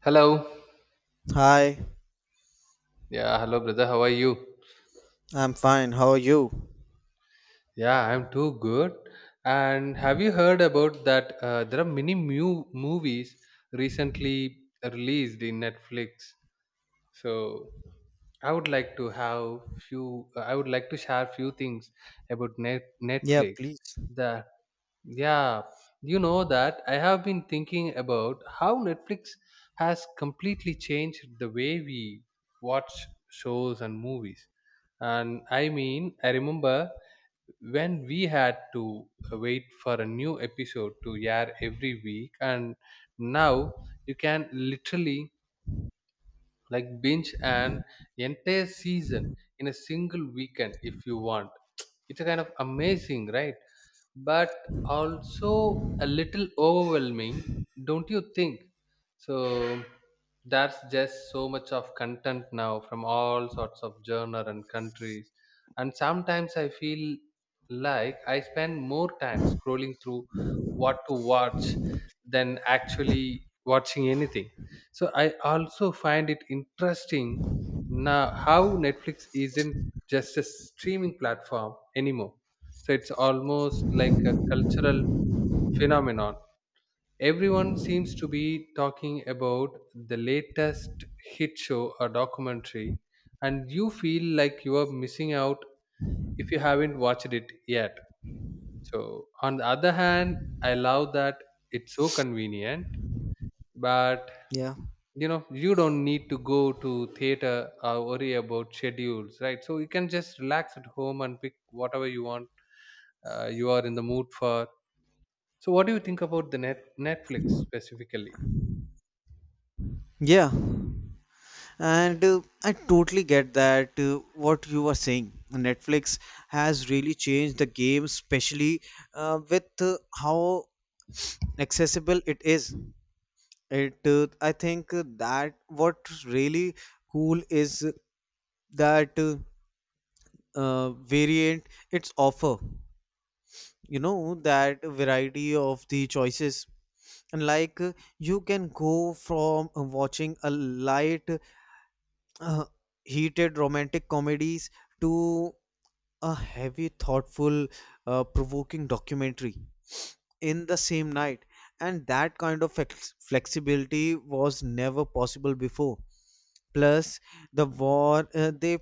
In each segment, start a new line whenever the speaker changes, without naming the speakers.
Hello.
Hi,
Yeah, hello, brother. How are you?
I'm fine. How are you?
Yeah, I'm too good. And have you heard about that? There are many new movies recently released in Netflix. So I would like to have few. I would like to share few things about
Yeah,
Netflix
please.
that Yeah, you know that I have been thinking about how Netflix has completely changed the way we watch shows and movies. And I mean, I remember when we had to wait for a new episode to air every week, and now you can literally like binge an entire season in a single weekend if you want. It's a kind of amazing, right? But also a little overwhelming, don't you think? So that's just so much of content now from all sorts of genre and countries, and sometimes I feel like I spend more time scrolling through what to watch than actually watching anything. So I also find it interesting now how Netflix isn't just a streaming platform anymore. So it's almost like a cultural phenomenon. Everyone seems to be talking about the latest hit show or documentary, and you feel like you are missing out if you haven't watched it yet. So on the other hand, I love that it's so convenient, but
Yeah.
you know you don't need to go to theater or worry about schedules, right? So you can just relax at home and pick whatever you want you are in the mood for. So what do you think about the Netflix specifically?
Yeah. And I totally get that what you were saying. Netflix has really changed the game, especially with how accessible it is. It I think that what really cool is that variant its offer. You know that variety of the choices like you can go from watching a light uh, heated romantic comedies to a heavy thoughtful provoking documentary in the same night. And that kind of flexibility was never possible before. Plus, the war uh, they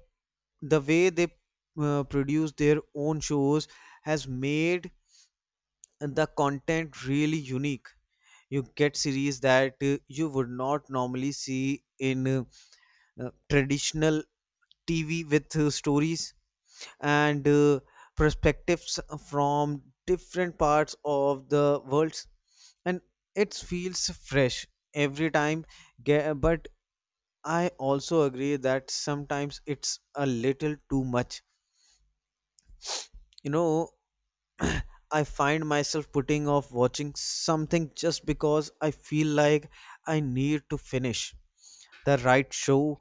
the way they produce their own shows has made the content really unique. You get series that you would not normally see in traditional TV, with stories and perspectives from different parts of the worlds, and it feels fresh every time. But I also agree that sometimes it's a little too much. You know, I find myself putting off watching something just because I feel like I need to finish the right show,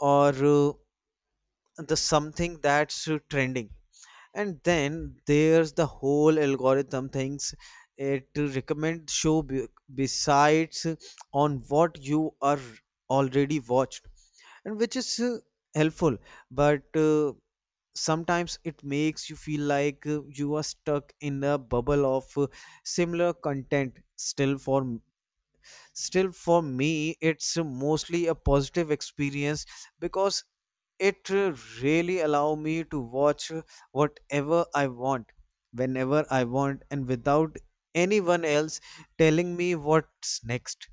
or the something that's trending. And then there's the whole algorithm things it to recommend besides on what you are already watched, and which is helpful, but sometimes it makes you feel like you are stuck in a bubble of similar content. Still for me it's mostly a positive experience because it really allow me to watch whatever I want, whenever I want, and without anyone else telling me what's next.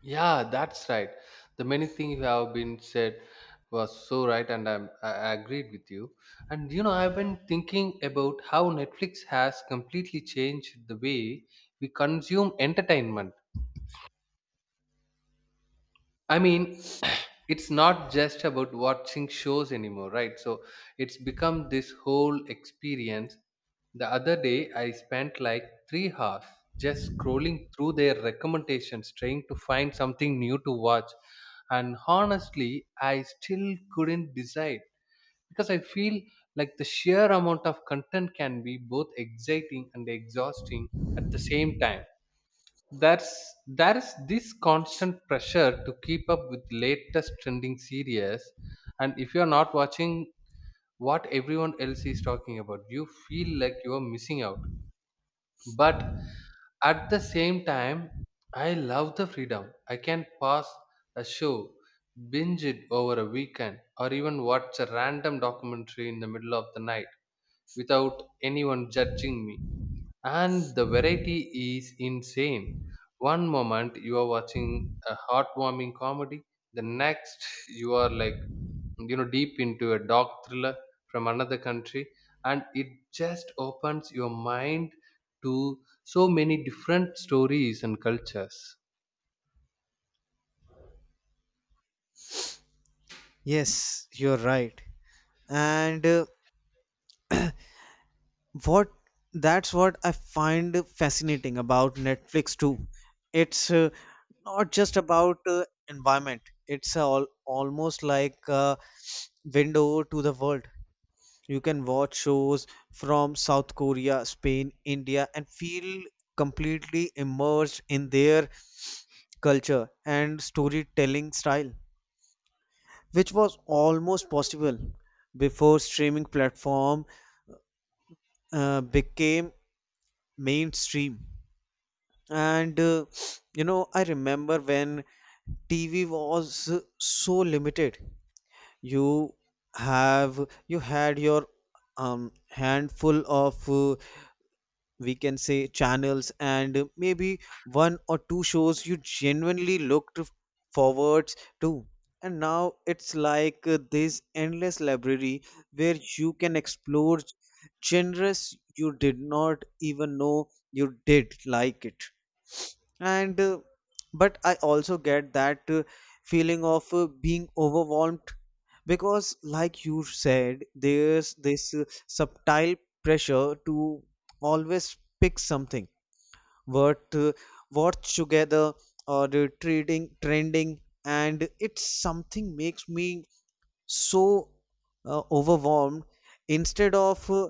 Yeah, that's right. The many things you have been said was so right, and I agreed with you. And you know, I've been thinking about how Netflix has completely changed the way we consume entertainment. I mean, it's not just about watching shows anymore, right? So it's become this whole experience. The other day, I spent like 3 hours just scrolling through their recommendations, trying to find something new to watch. And honestly, I still couldn't decide because I feel like the sheer amount of content can be both exciting and exhausting at the same time. There's there's this constant pressure to keep up with latest trending series, and if you're not watching what everyone else is talking about, you feel like you're missing out. But at the same time, I love the freedom. I can pause a show, binge it over a weekend, or even watch a random documentary in the middle of the night without anyone judging me. And the variety is insane. One moment you are watching a heartwarming comedy, the next you are, like, you know, deep into a dark thriller from another country, and it just opens your mind to so many different stories and cultures.
Yes, you're right. And uh, what that's what I find fascinating about Netflix too. It's not just about environment. It's almost like a window to the world. You can watch shows from South Korea, Spain, India and feel completely immersed in their culture and storytelling style, which was almost possible before streaming platform became mainstream. And you know, I remember when TV was so limited. You have you had your handful of we can say channels, and maybe one or two shows you genuinely looked forwards to. And now it's like this endless library where you can explore genres you did not even know you did like it. And But I also get that feeling of being overwhelmed, because like you said, there's this subtle pressure to always pick something, what watch together, or trading trending, and it's something makes me so overwhelmed instead of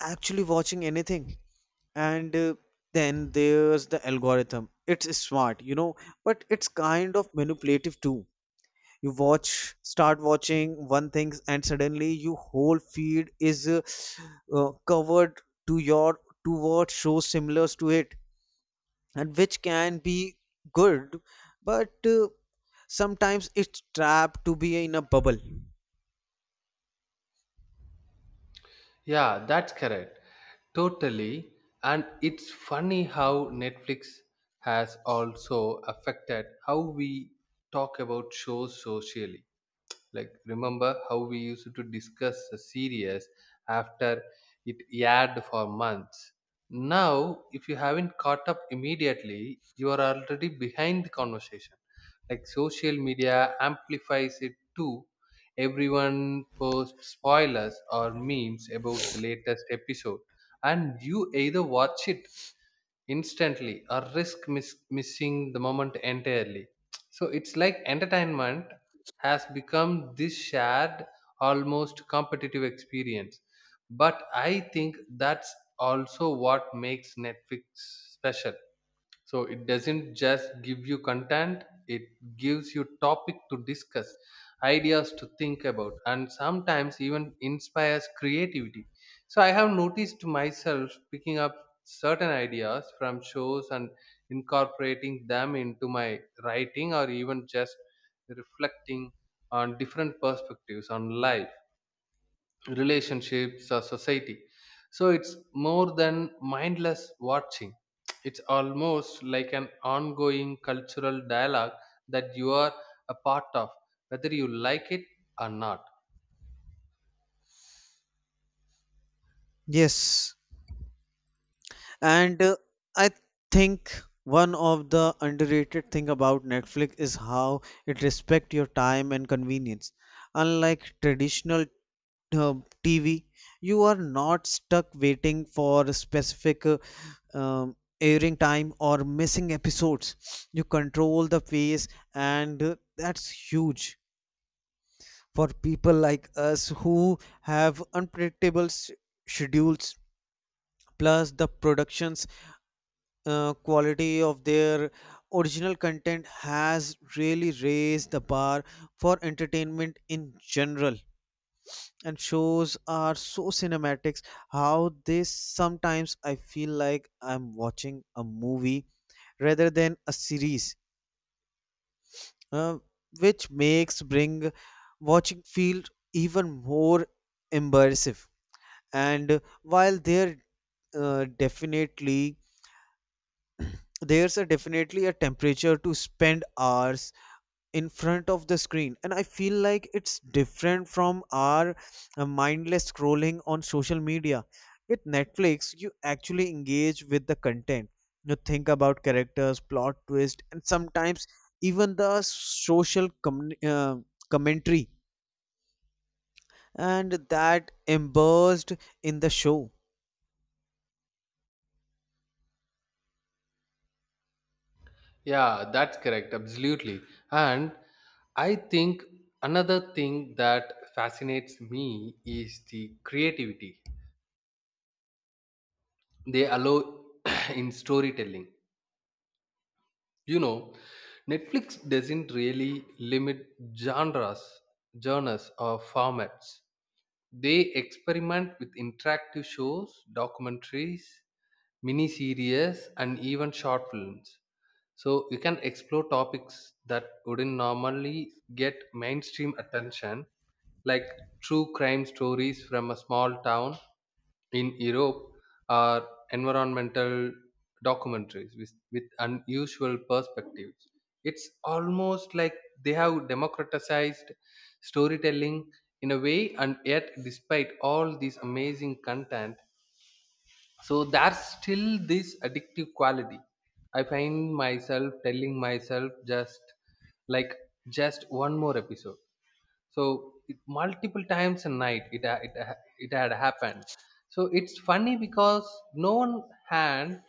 actually watching anything. And Then there's the algorithm. It's smart, you know, but it's kind of manipulative too. You watch start watching one thing and suddenly your whole feed is covered to your to what shows similar to it, and which can be good, but sometimes it's trapped to be in a bubble.
Yeah, that's correct. Totally. And it's funny how Netflix has also affected how we talk about shows socially. Like, remember how we used to discuss a series after it aired for months. Now, if you haven't caught up immediately, you are already behind the conversation. Like, social media amplifies it too. Everyone posts spoilers or memes about the latest episode, and you either watch it instantly or risk missing the moment entirely. So it's like entertainment has become this shared, almost competitive experience. But I think that's also what makes Netflix special. So it doesn't just give you content, it gives you topic to discuss, ideas to think about, and sometimes even inspires creativity. So I have noticed myself picking up certain ideas from shows and incorporating them into my writing, or even just reflecting on different perspectives on life, relationships, or society. So it's more than mindless watching. It's almost like an ongoing cultural dialogue that you are a part of, whether you like it or not.
Yes. And I think one of the underrated thing about Netflix is how it respect your time and convenience. Unlike traditional uh, TV, you are not stuck waiting for a specific um, airing time or missing episodes. You control the pace, and that's huge for people like us who have unpredictable schedules. Plus, the productions quality of their original content has really raised the bar for entertainment in general. And shows are so cinematics how they sometimes I feel like I'm watching a movie rather than a series, uh, which makes bring watching feel even more immersive. And while there definitely There's a definitely a temperature to spend hours in front of the screen, and I feel like it's different from our mindless scrolling on social media. With Netflix, you actually engage with the content. You think about characters, plot twist, and sometimes even the social commentary, and that immersed in the show.
Yeah, that's correct, absolutely. And I think another thing that fascinates me is the creativity they allow in storytelling. You know, Netflix doesn't really limit genres or formats. They experiment with interactive shows, documentaries, miniseries, and even short films. So you can explore topics that wouldn't normally get mainstream attention, like true crime stories from a small town in Europe, or environmental documentaries with unusual perspectives. It's almost like they have democratized storytelling in a way, and yet, despite all this amazing content, so there's still this addictive quality. I find myself telling myself just, like, just one more episode. So it, multiple times a night, it had happened. So it's funny because no one hand,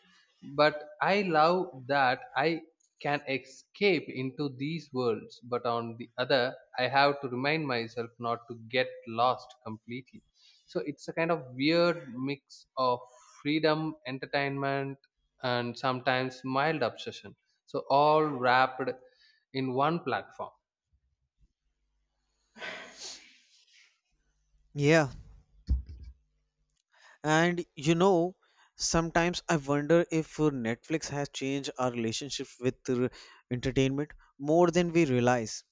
but I love that I can escape into these worlds, but on the other, I have to remind myself not to get lost completely. So it's a kind of weird mix of freedom, entertainment, and sometimes mild obsession, so all wrapped in one platform.
Yeah, and you know, sometimes I wonder if Netflix has changed our relationship with entertainment more than we realize.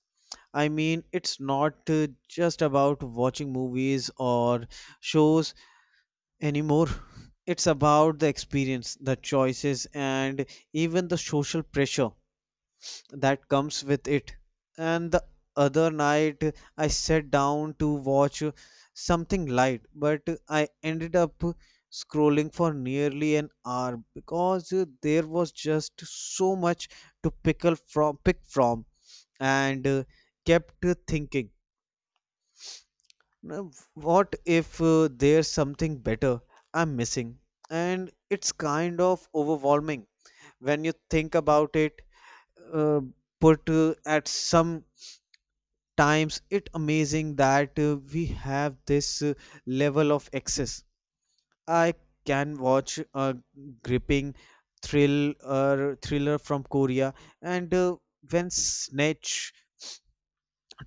I mean, it's not just about watching movies or shows anymore. It's about the experience, the choices, and even the social pressure that comes with it. And the other night, I sat down to watch something light, but I ended up scrolling for nearly an hour because there was just so much to pick from, and kept thinking, now, what if there's something better I'm missing? And it's kind of overwhelming when you think about it. Uh, but at some times, it amazing that we have this level of access. I can watch a gripping thriller from Korea, and when Snatch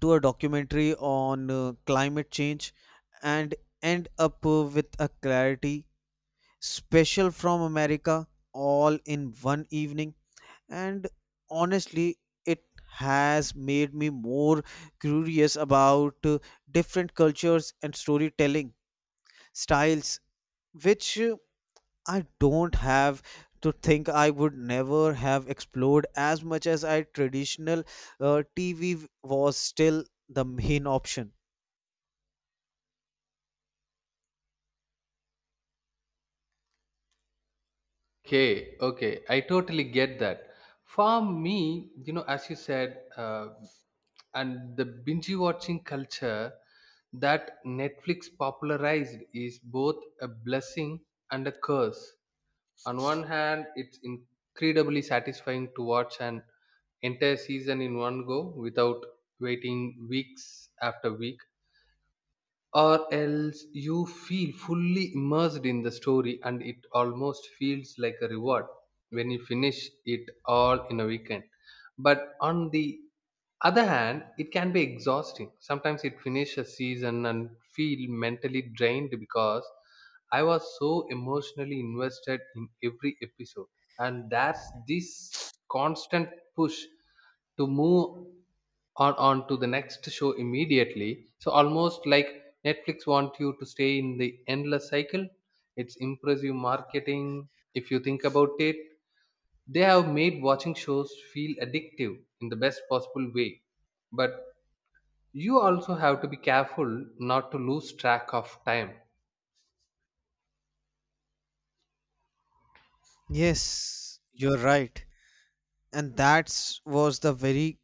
to a documentary on climate change, and end up with a clarity special from America, all in one evening. And honestly, it has made me more curious about different cultures and storytelling styles, which I don't have to think I would never have explored as much as I traditional TV was still the main option.
Okay, okay, I totally get that. For me, you know, as you said, and the binge watching culture that Netflix popularized is both a blessing and a curse. On one hand, it's incredibly satisfying to watch an entire season in one go without waiting weeks after week, or else you feel fully immersed in the story, and it almost feels like a reward when you finish it all in a weekend. But on the other hand, it can be exhausting. Sometimes it finish a season and feel mentally drained because I was so emotionally invested in every episode. And there's this constant push to move on to the next show immediately, so almost like Netflix want you to stay in the endless cycle. It's impressive marketing, if you think about it. They have made watching shows feel addictive in the best possible way, but you also have to be careful not to lose track of time.
Yes, you're right. And that's was the very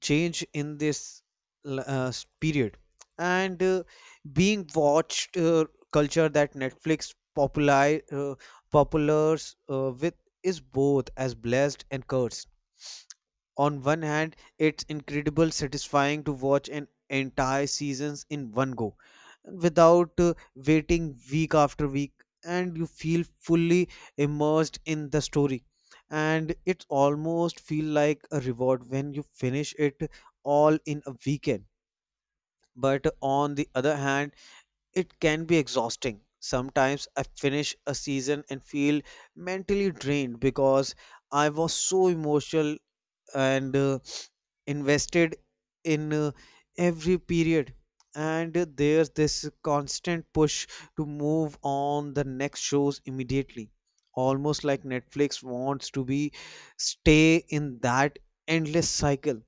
change in this period. And being watched culture that Netflix populi populars with is both as blessed and cursed. On one hand, it's incredible satisfying to watch an entire seasons in one go without waiting week after week, and you feel fully immersed in the story, and it almost feel like a reward when you finish it all in a weekend. But on the other hand, it can be exhausting. Sometimes I finish a season and feel mentally drained because I was so emotional and invested in every period. And there's this constant push to move on the next shows immediately, almost like Netflix wants to be stay in that endless cycle.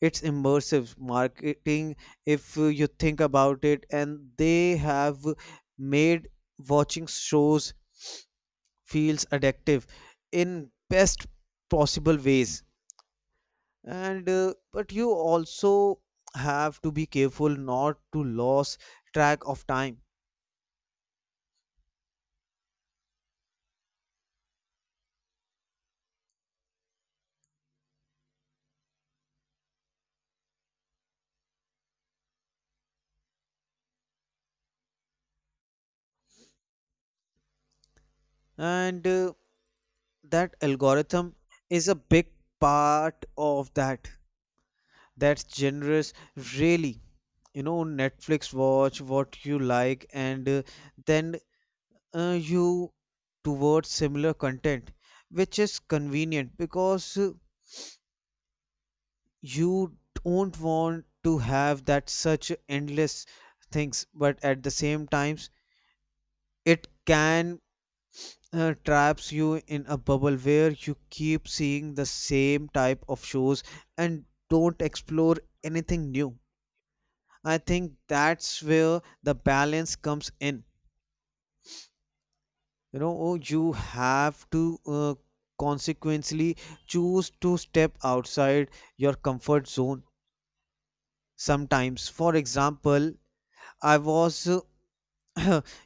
It's immersive marketing, if you think about it, and they have made watching shows feels addictive in best possible ways. And uh, but you also have to be careful not to lose track of time. And That algorithm is a big part of that. That's generous, really. You know, Netflix watch what you like and then you towards similar content, which is convenient because you don't want to have that such endless things, but at the same time it can traps you in a bubble where you keep seeing the same type of shows and don't explore anything new. I think that's where the balance comes in. You know, oh, you have to consequently choose to step outside your comfort zone sometimes. For example, I was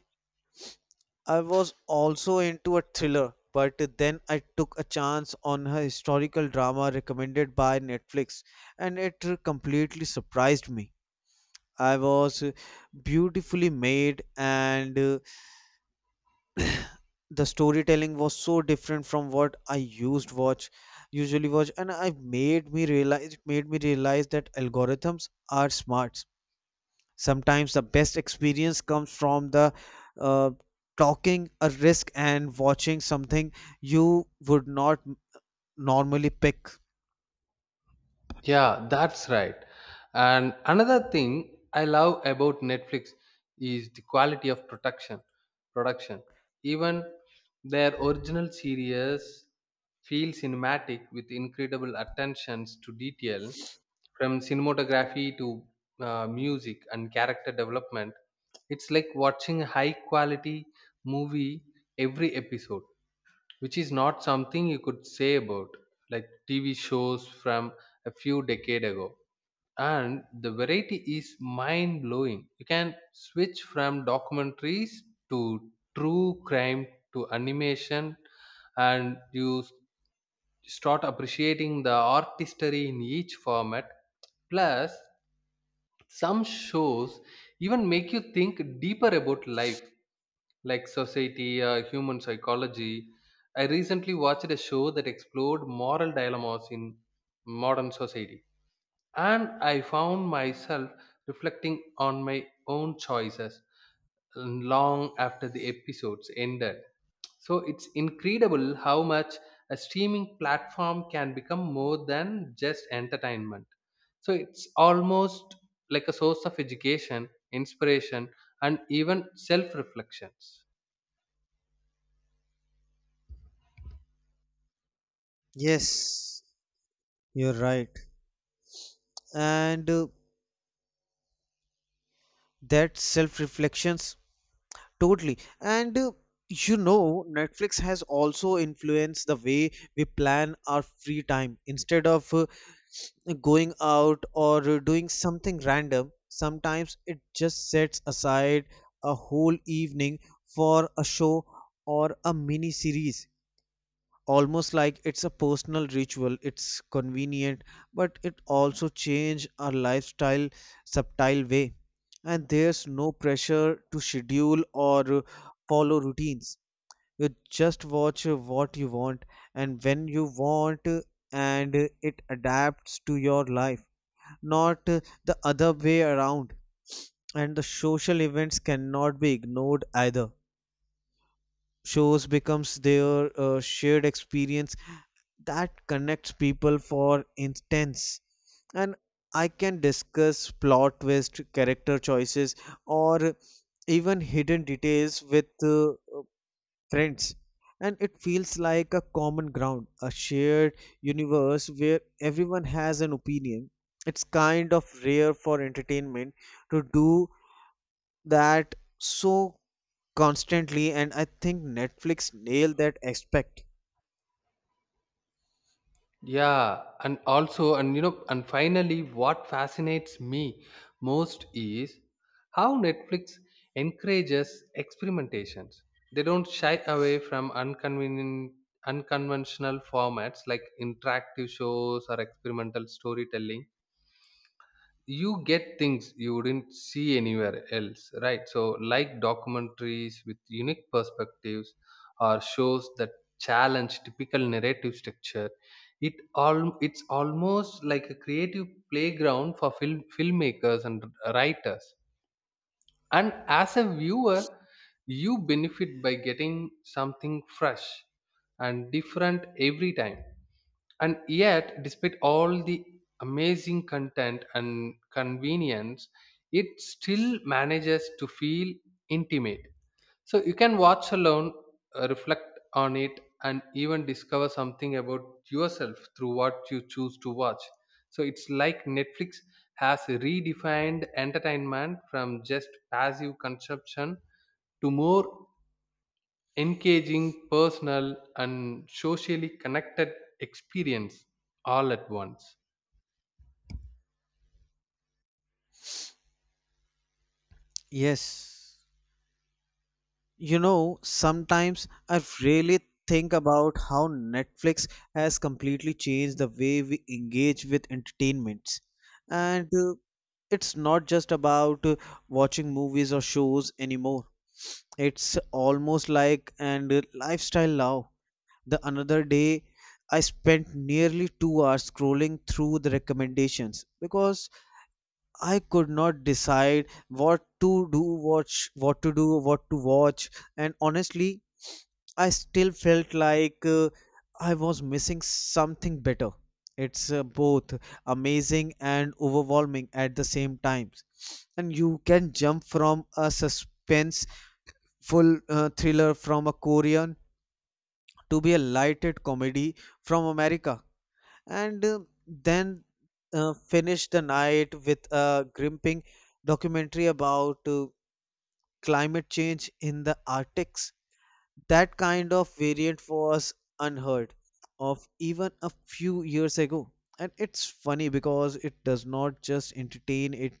I was also into a thriller, but then I took a chance on a historical drama recommended by Netflix, and it completely surprised me. I was beautifully made, and the storytelling was so different from what I used watch usually watch, and I made me realize it made me realize that algorithms are smart. Sometimes the best experience comes from the uh, talking a risk and watching something you would not normally pick.
Yeah, that's right. And another thing I love about Netflix is the quality of production. Production, even their original series feel cinematic with incredible attentions to detail, from cinematography to music and character development. It's like watching a high quality movie every episode, which is not something you could say about like TV shows from a few decade ago. And the variety is mind blowing. You can switch from documentaries to true crime to animation, and you start appreciating the artistry in each format. Plus, some shows even make you think deeper about life, like society, human psychology. I recently watched a show that explored moral dilemmas in modern society, and I found myself reflecting on my own choices long after the episodes ended. So it's incredible how much a streaming platform can become more than just entertainment. So it's almost like a source of education, inspiration, and even self reflections.
Yes, you're right. and That self reflections totally. And You know, Netflix has also influenced the way we plan our free time. Instead of going out or doing something random, sometimes it just sets aside a whole evening for a show or a mini series. Almost like it's a personal ritual. It's convenient, but it also changes our lifestyle subtle way. And there's no pressure to schedule or follow routines. You just watch what you want and when you want, and it adapts to your life, not the other way around. And the social events cannot be ignored either. Shows becomes their shared experience that connects people. For instance, and I can discuss plot twist, character choices, or even hidden details with friends, and it feels like a common ground, a shared universe where everyone has an opinion. It's kind of rare for entertainment to do that so constantly, and I think Netflix nailed that aspect.
Yeah, and also, and you know, and finally, what fascinates me most is how Netflix encourages experimentations. They don't shy away from unconvenient, unconventional formats like interactive shows or experimental storytelling. You get things you wouldn't see anywhere else, right? So like documentaries with unique perspectives, or shows that challenge typical narrative structure. It all, it's almost like a creative playground for filmmakers and writers, and as a viewer, you benefit by getting something fresh and different every time. And yet, despite all the amazing content and convenience, it still manages to feel intimate. So you can watch alone, reflect on it, and even discover something about yourself through what you choose to watch. So it's like Netflix has redefined entertainment from just passive consumption to more engaging, personal, and socially connected experience all at once.
Yes. You know, sometimes I really think about how Netflix has completely changed the way we engage with entertainments. And it's not just about watching movies or shows anymore. It's almost like an lifestyle now. The another day I spent nearly 2 hours scrolling through the recommendations because I could not decide watch, what to watch, and honestly, I still felt like I was missing something better. It's both amazing and overwhelming at the same time, and you can jump from a suspenseful thriller from a Korean to be a lighted comedy from America and then finish the night with a gripping documentary about climate change in the Arctics. That kind of variant was unheard of even a few years ago. And it's funny because it does not just entertain, it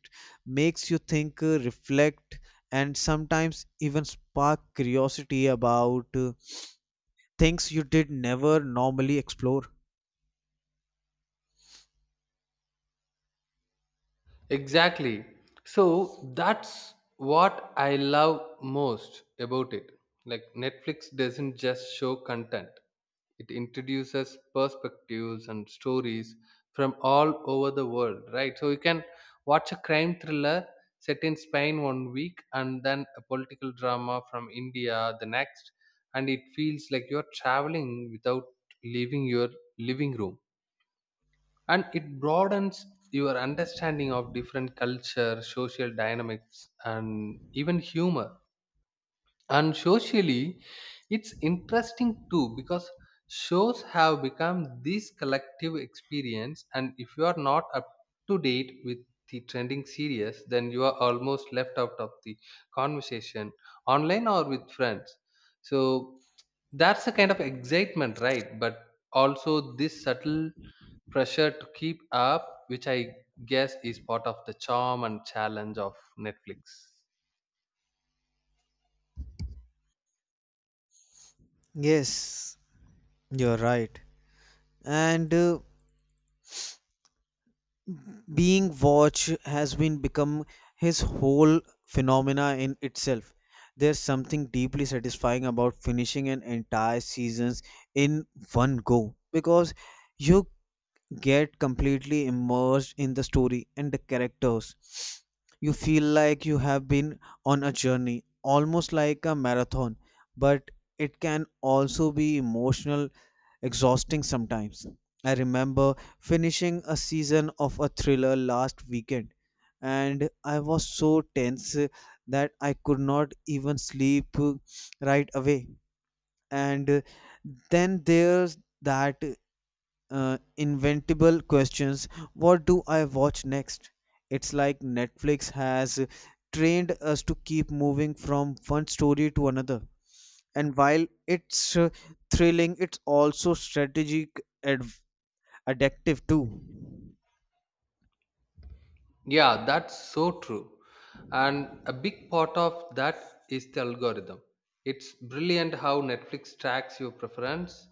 makes you think, reflect, and sometimes even spark curiosity about things you did never normally explore.
Exactly. So that's what I love most about it. Like, Netflix doesn't just show content, it introduces perspectives and stories from all over the world, right? So you can watch a crime thriller set in Spain one week and then a political drama from India the next, and it feels like you're traveling without leaving your living room. And it broadens your understanding of different culture, social dynamics, and even humor. And socially, it's interesting too, because shows have become this collective experience, and if you are not up to date with the trending series, then you are almost left out of the conversation online or with friends. So that's a kind of excitement, right? But also this subtle pressure to keep up, which I guess is part of the charm and challenge of Netflix.
Yes, you're right. And being watched has been become his whole phenomena in itself. There's something deeply satisfying about finishing an entire seasons in one go, because you get completely immersed in the story and the characters. You feel like you have been on a journey, almost like a marathon, but it can also be emotional exhausting sometimes. I remember finishing a season of a thriller last weekend, and I was so tense that I could not even sleep right away. And then there's that inventable questions, what do I watch next? It's like Netflix has trained us to keep moving from one story to another. And while it's thrilling, it's also strategic, addictive too.
Yeah, that's so true. And a big part of that is the algorithm. It's brilliant how Netflix tracks your preference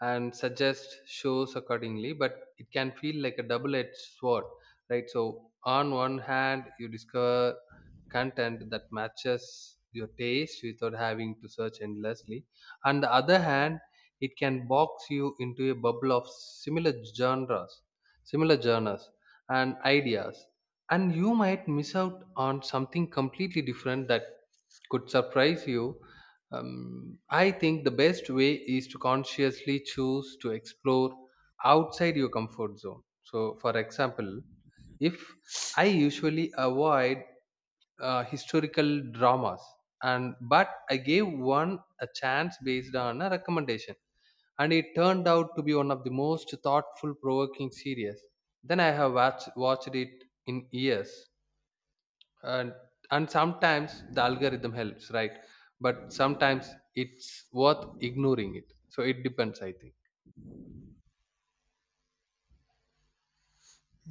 and suggests shows accordingly, but it can feel like a double edged sword, right? So on one hand, you discover content that matches your taste without having to search endlessly. On the other hand, it can box you into a bubble of similar genres, similar genres and ideas, and you might miss out on something completely different that could surprise you. I think the best way is to consciously choose to explore outside your comfort zone. So, for example, if I usually avoid historical dramas, and but I gave one a chance based on a recommendation, and it turned out to be one of the most thoughtful, provoking series. Then I have watched it in years. and and sometimes the algorithm helps, right? But sometimes it's worth ignoring it, so it depends, I think.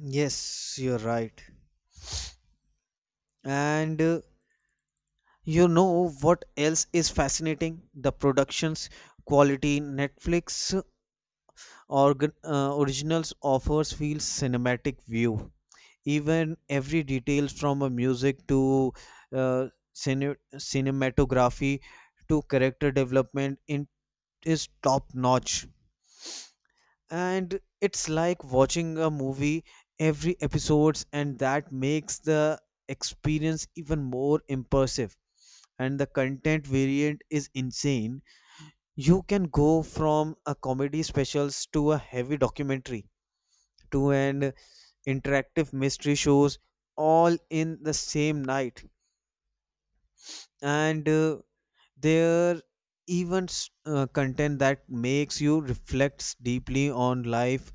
Yes, you're right. And you know what else is fascinating? The productions quality Netflix originals offers feels cinematic view. Even every detail from a music to uh, cinematography to character development in, is top notch. And it's like watching a movie every episodes, and that makes the experience even more immersive. And the content variant is insane. You can go from a comedy specials to a heavy documentary to an interactive mystery shows, all in the same night. And there even content that makes you reflects deeply on life,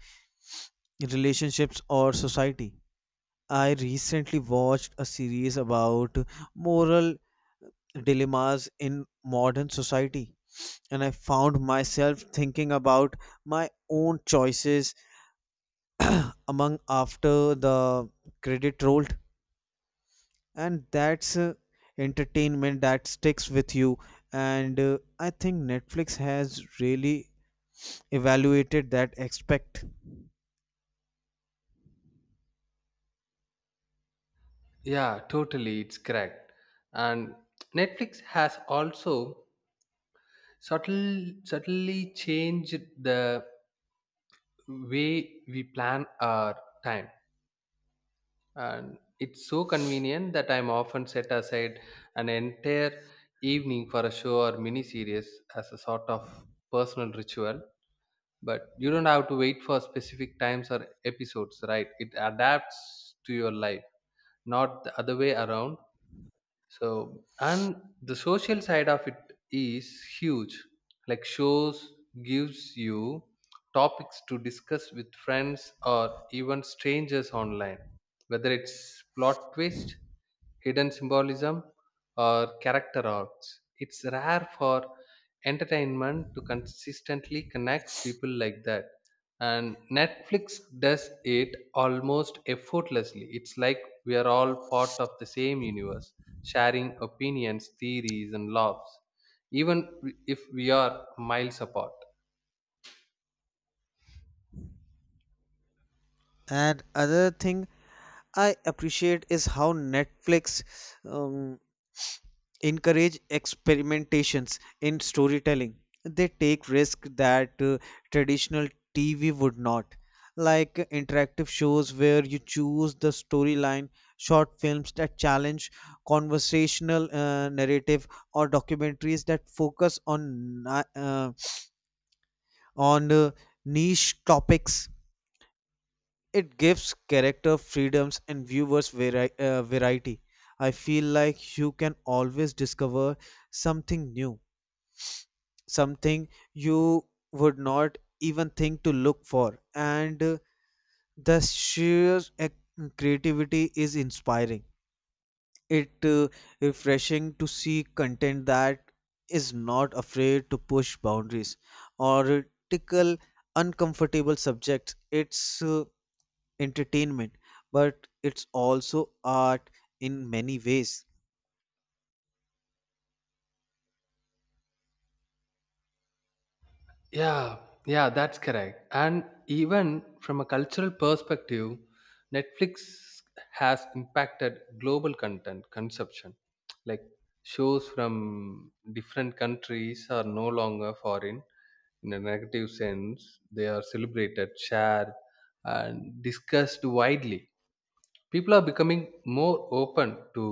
relationships or society. I recently watched a series about moral dilemmas in modern society, and I found myself thinking about my own choices among after the credit rolled. And that's entertainment that sticks with you. And I think Netflix has really evaluated that aspect.
Yeah, totally, it's correct. And Netflix has also subtle subtly changed the way we plan our time. And it's so convenient that I'm often set aside an entire evening for a show or mini series as a sort of personal ritual. But you don't have to wait for specific times or episodes, right? It adapts to your life, not the other way around. So, and the social side of it is huge. Like, shows gives you topics to discuss with friends or even strangers online, whether it's plot twist, hidden symbolism, or character arcs. It's rare for entertainment to consistently connect people like that. And Netflix does it almost effortlessly. It's like we are all part of the same universe, sharing opinions, theories, and laughs, even if we are miles apart.
And other thing I appreciate is how Netflix um, encourage experimentations in storytelling. They take risk that traditional TV would not, like interactive shows where you choose the storyline, short films that challenge conversational narrative, or documentaries that focus on on uh, niche topics. It gives character freedoms and viewers variety. I feel like you can always discover something new, something you would not even think to look for. And the sheer creativity is inspiring. It refreshing to see content that is not afraid to push boundaries or tickle uncomfortable subjects. It's entertainment, but it's also art in many ways.
Yeah, yeah, that's correct. And even from a cultural perspective, Netflix has impacted global content consumption. Like, shows from different countries are no longer foreign in a negative sense. They are celebrated, shared, and discussed widely. People are becoming more open to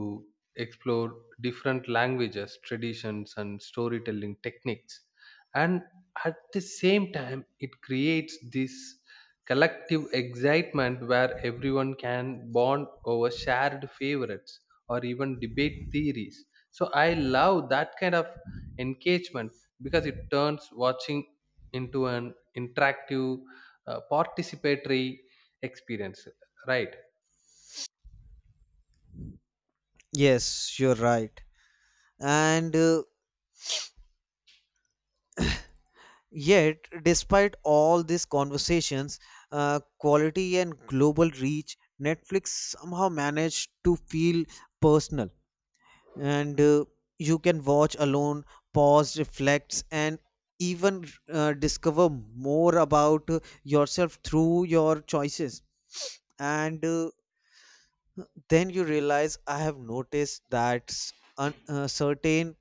explore different languages, traditions, and storytelling techniques. And at the same time, it creates this collective excitement where everyone can bond over shared favorites or even debate theories. So I love that kind of engagement, because it turns watching into an interactive, participatory experience, right?
Yes, you're right. And uh, Yet, despite all these conversations, quality and global reach, Netflix somehow managed to feel personal. And you can watch alone, pause, reflect, and even discover more about yourself through your choices. And then you realize I have noticed that certain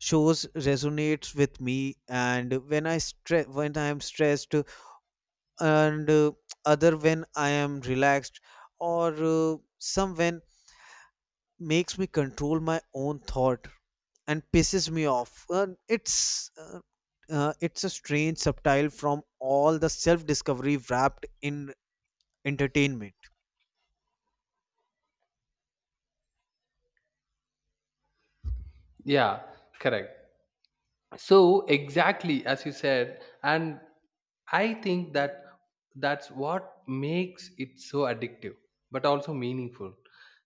shows resonates with me, and when I am stressed, and other when I am relaxed, or some when makes me control my own thought and pisses me off. It's a strange subtile from all the self-discovery wrapped in entertainment.
Yeah, correct. So exactly as you said, and I think that that's what makes it so addictive, but also meaningful.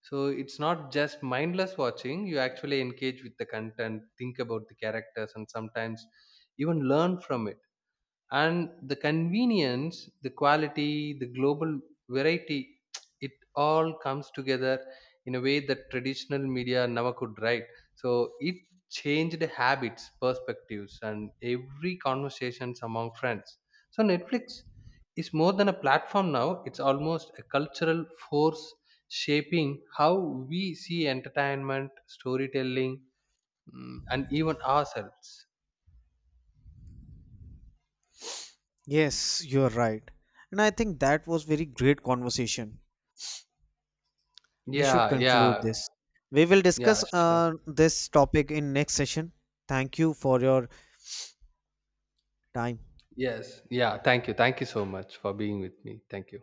So it's not just mindless watching. You actually engage with the content, think about the characters, and sometimes even learn from it. And the convenience, the quality, the global variety, it all comes together in a way that traditional media never could, right? So it changed habits, perspectives, and every conversations among friends. So Netflix is more than a platform now. It's almost a cultural force, shaping how we see entertainment, storytelling, and even ourselves.
Yes, you are right, and I think that was very great conversation. We should
Yeah,
conclude
yeah,
this. We will
yeah.
discuss
Sure.
this topic in next session. Thank you for your time.
Yes. Yeah. Thank you. Thank you so much for being with me. Thank you.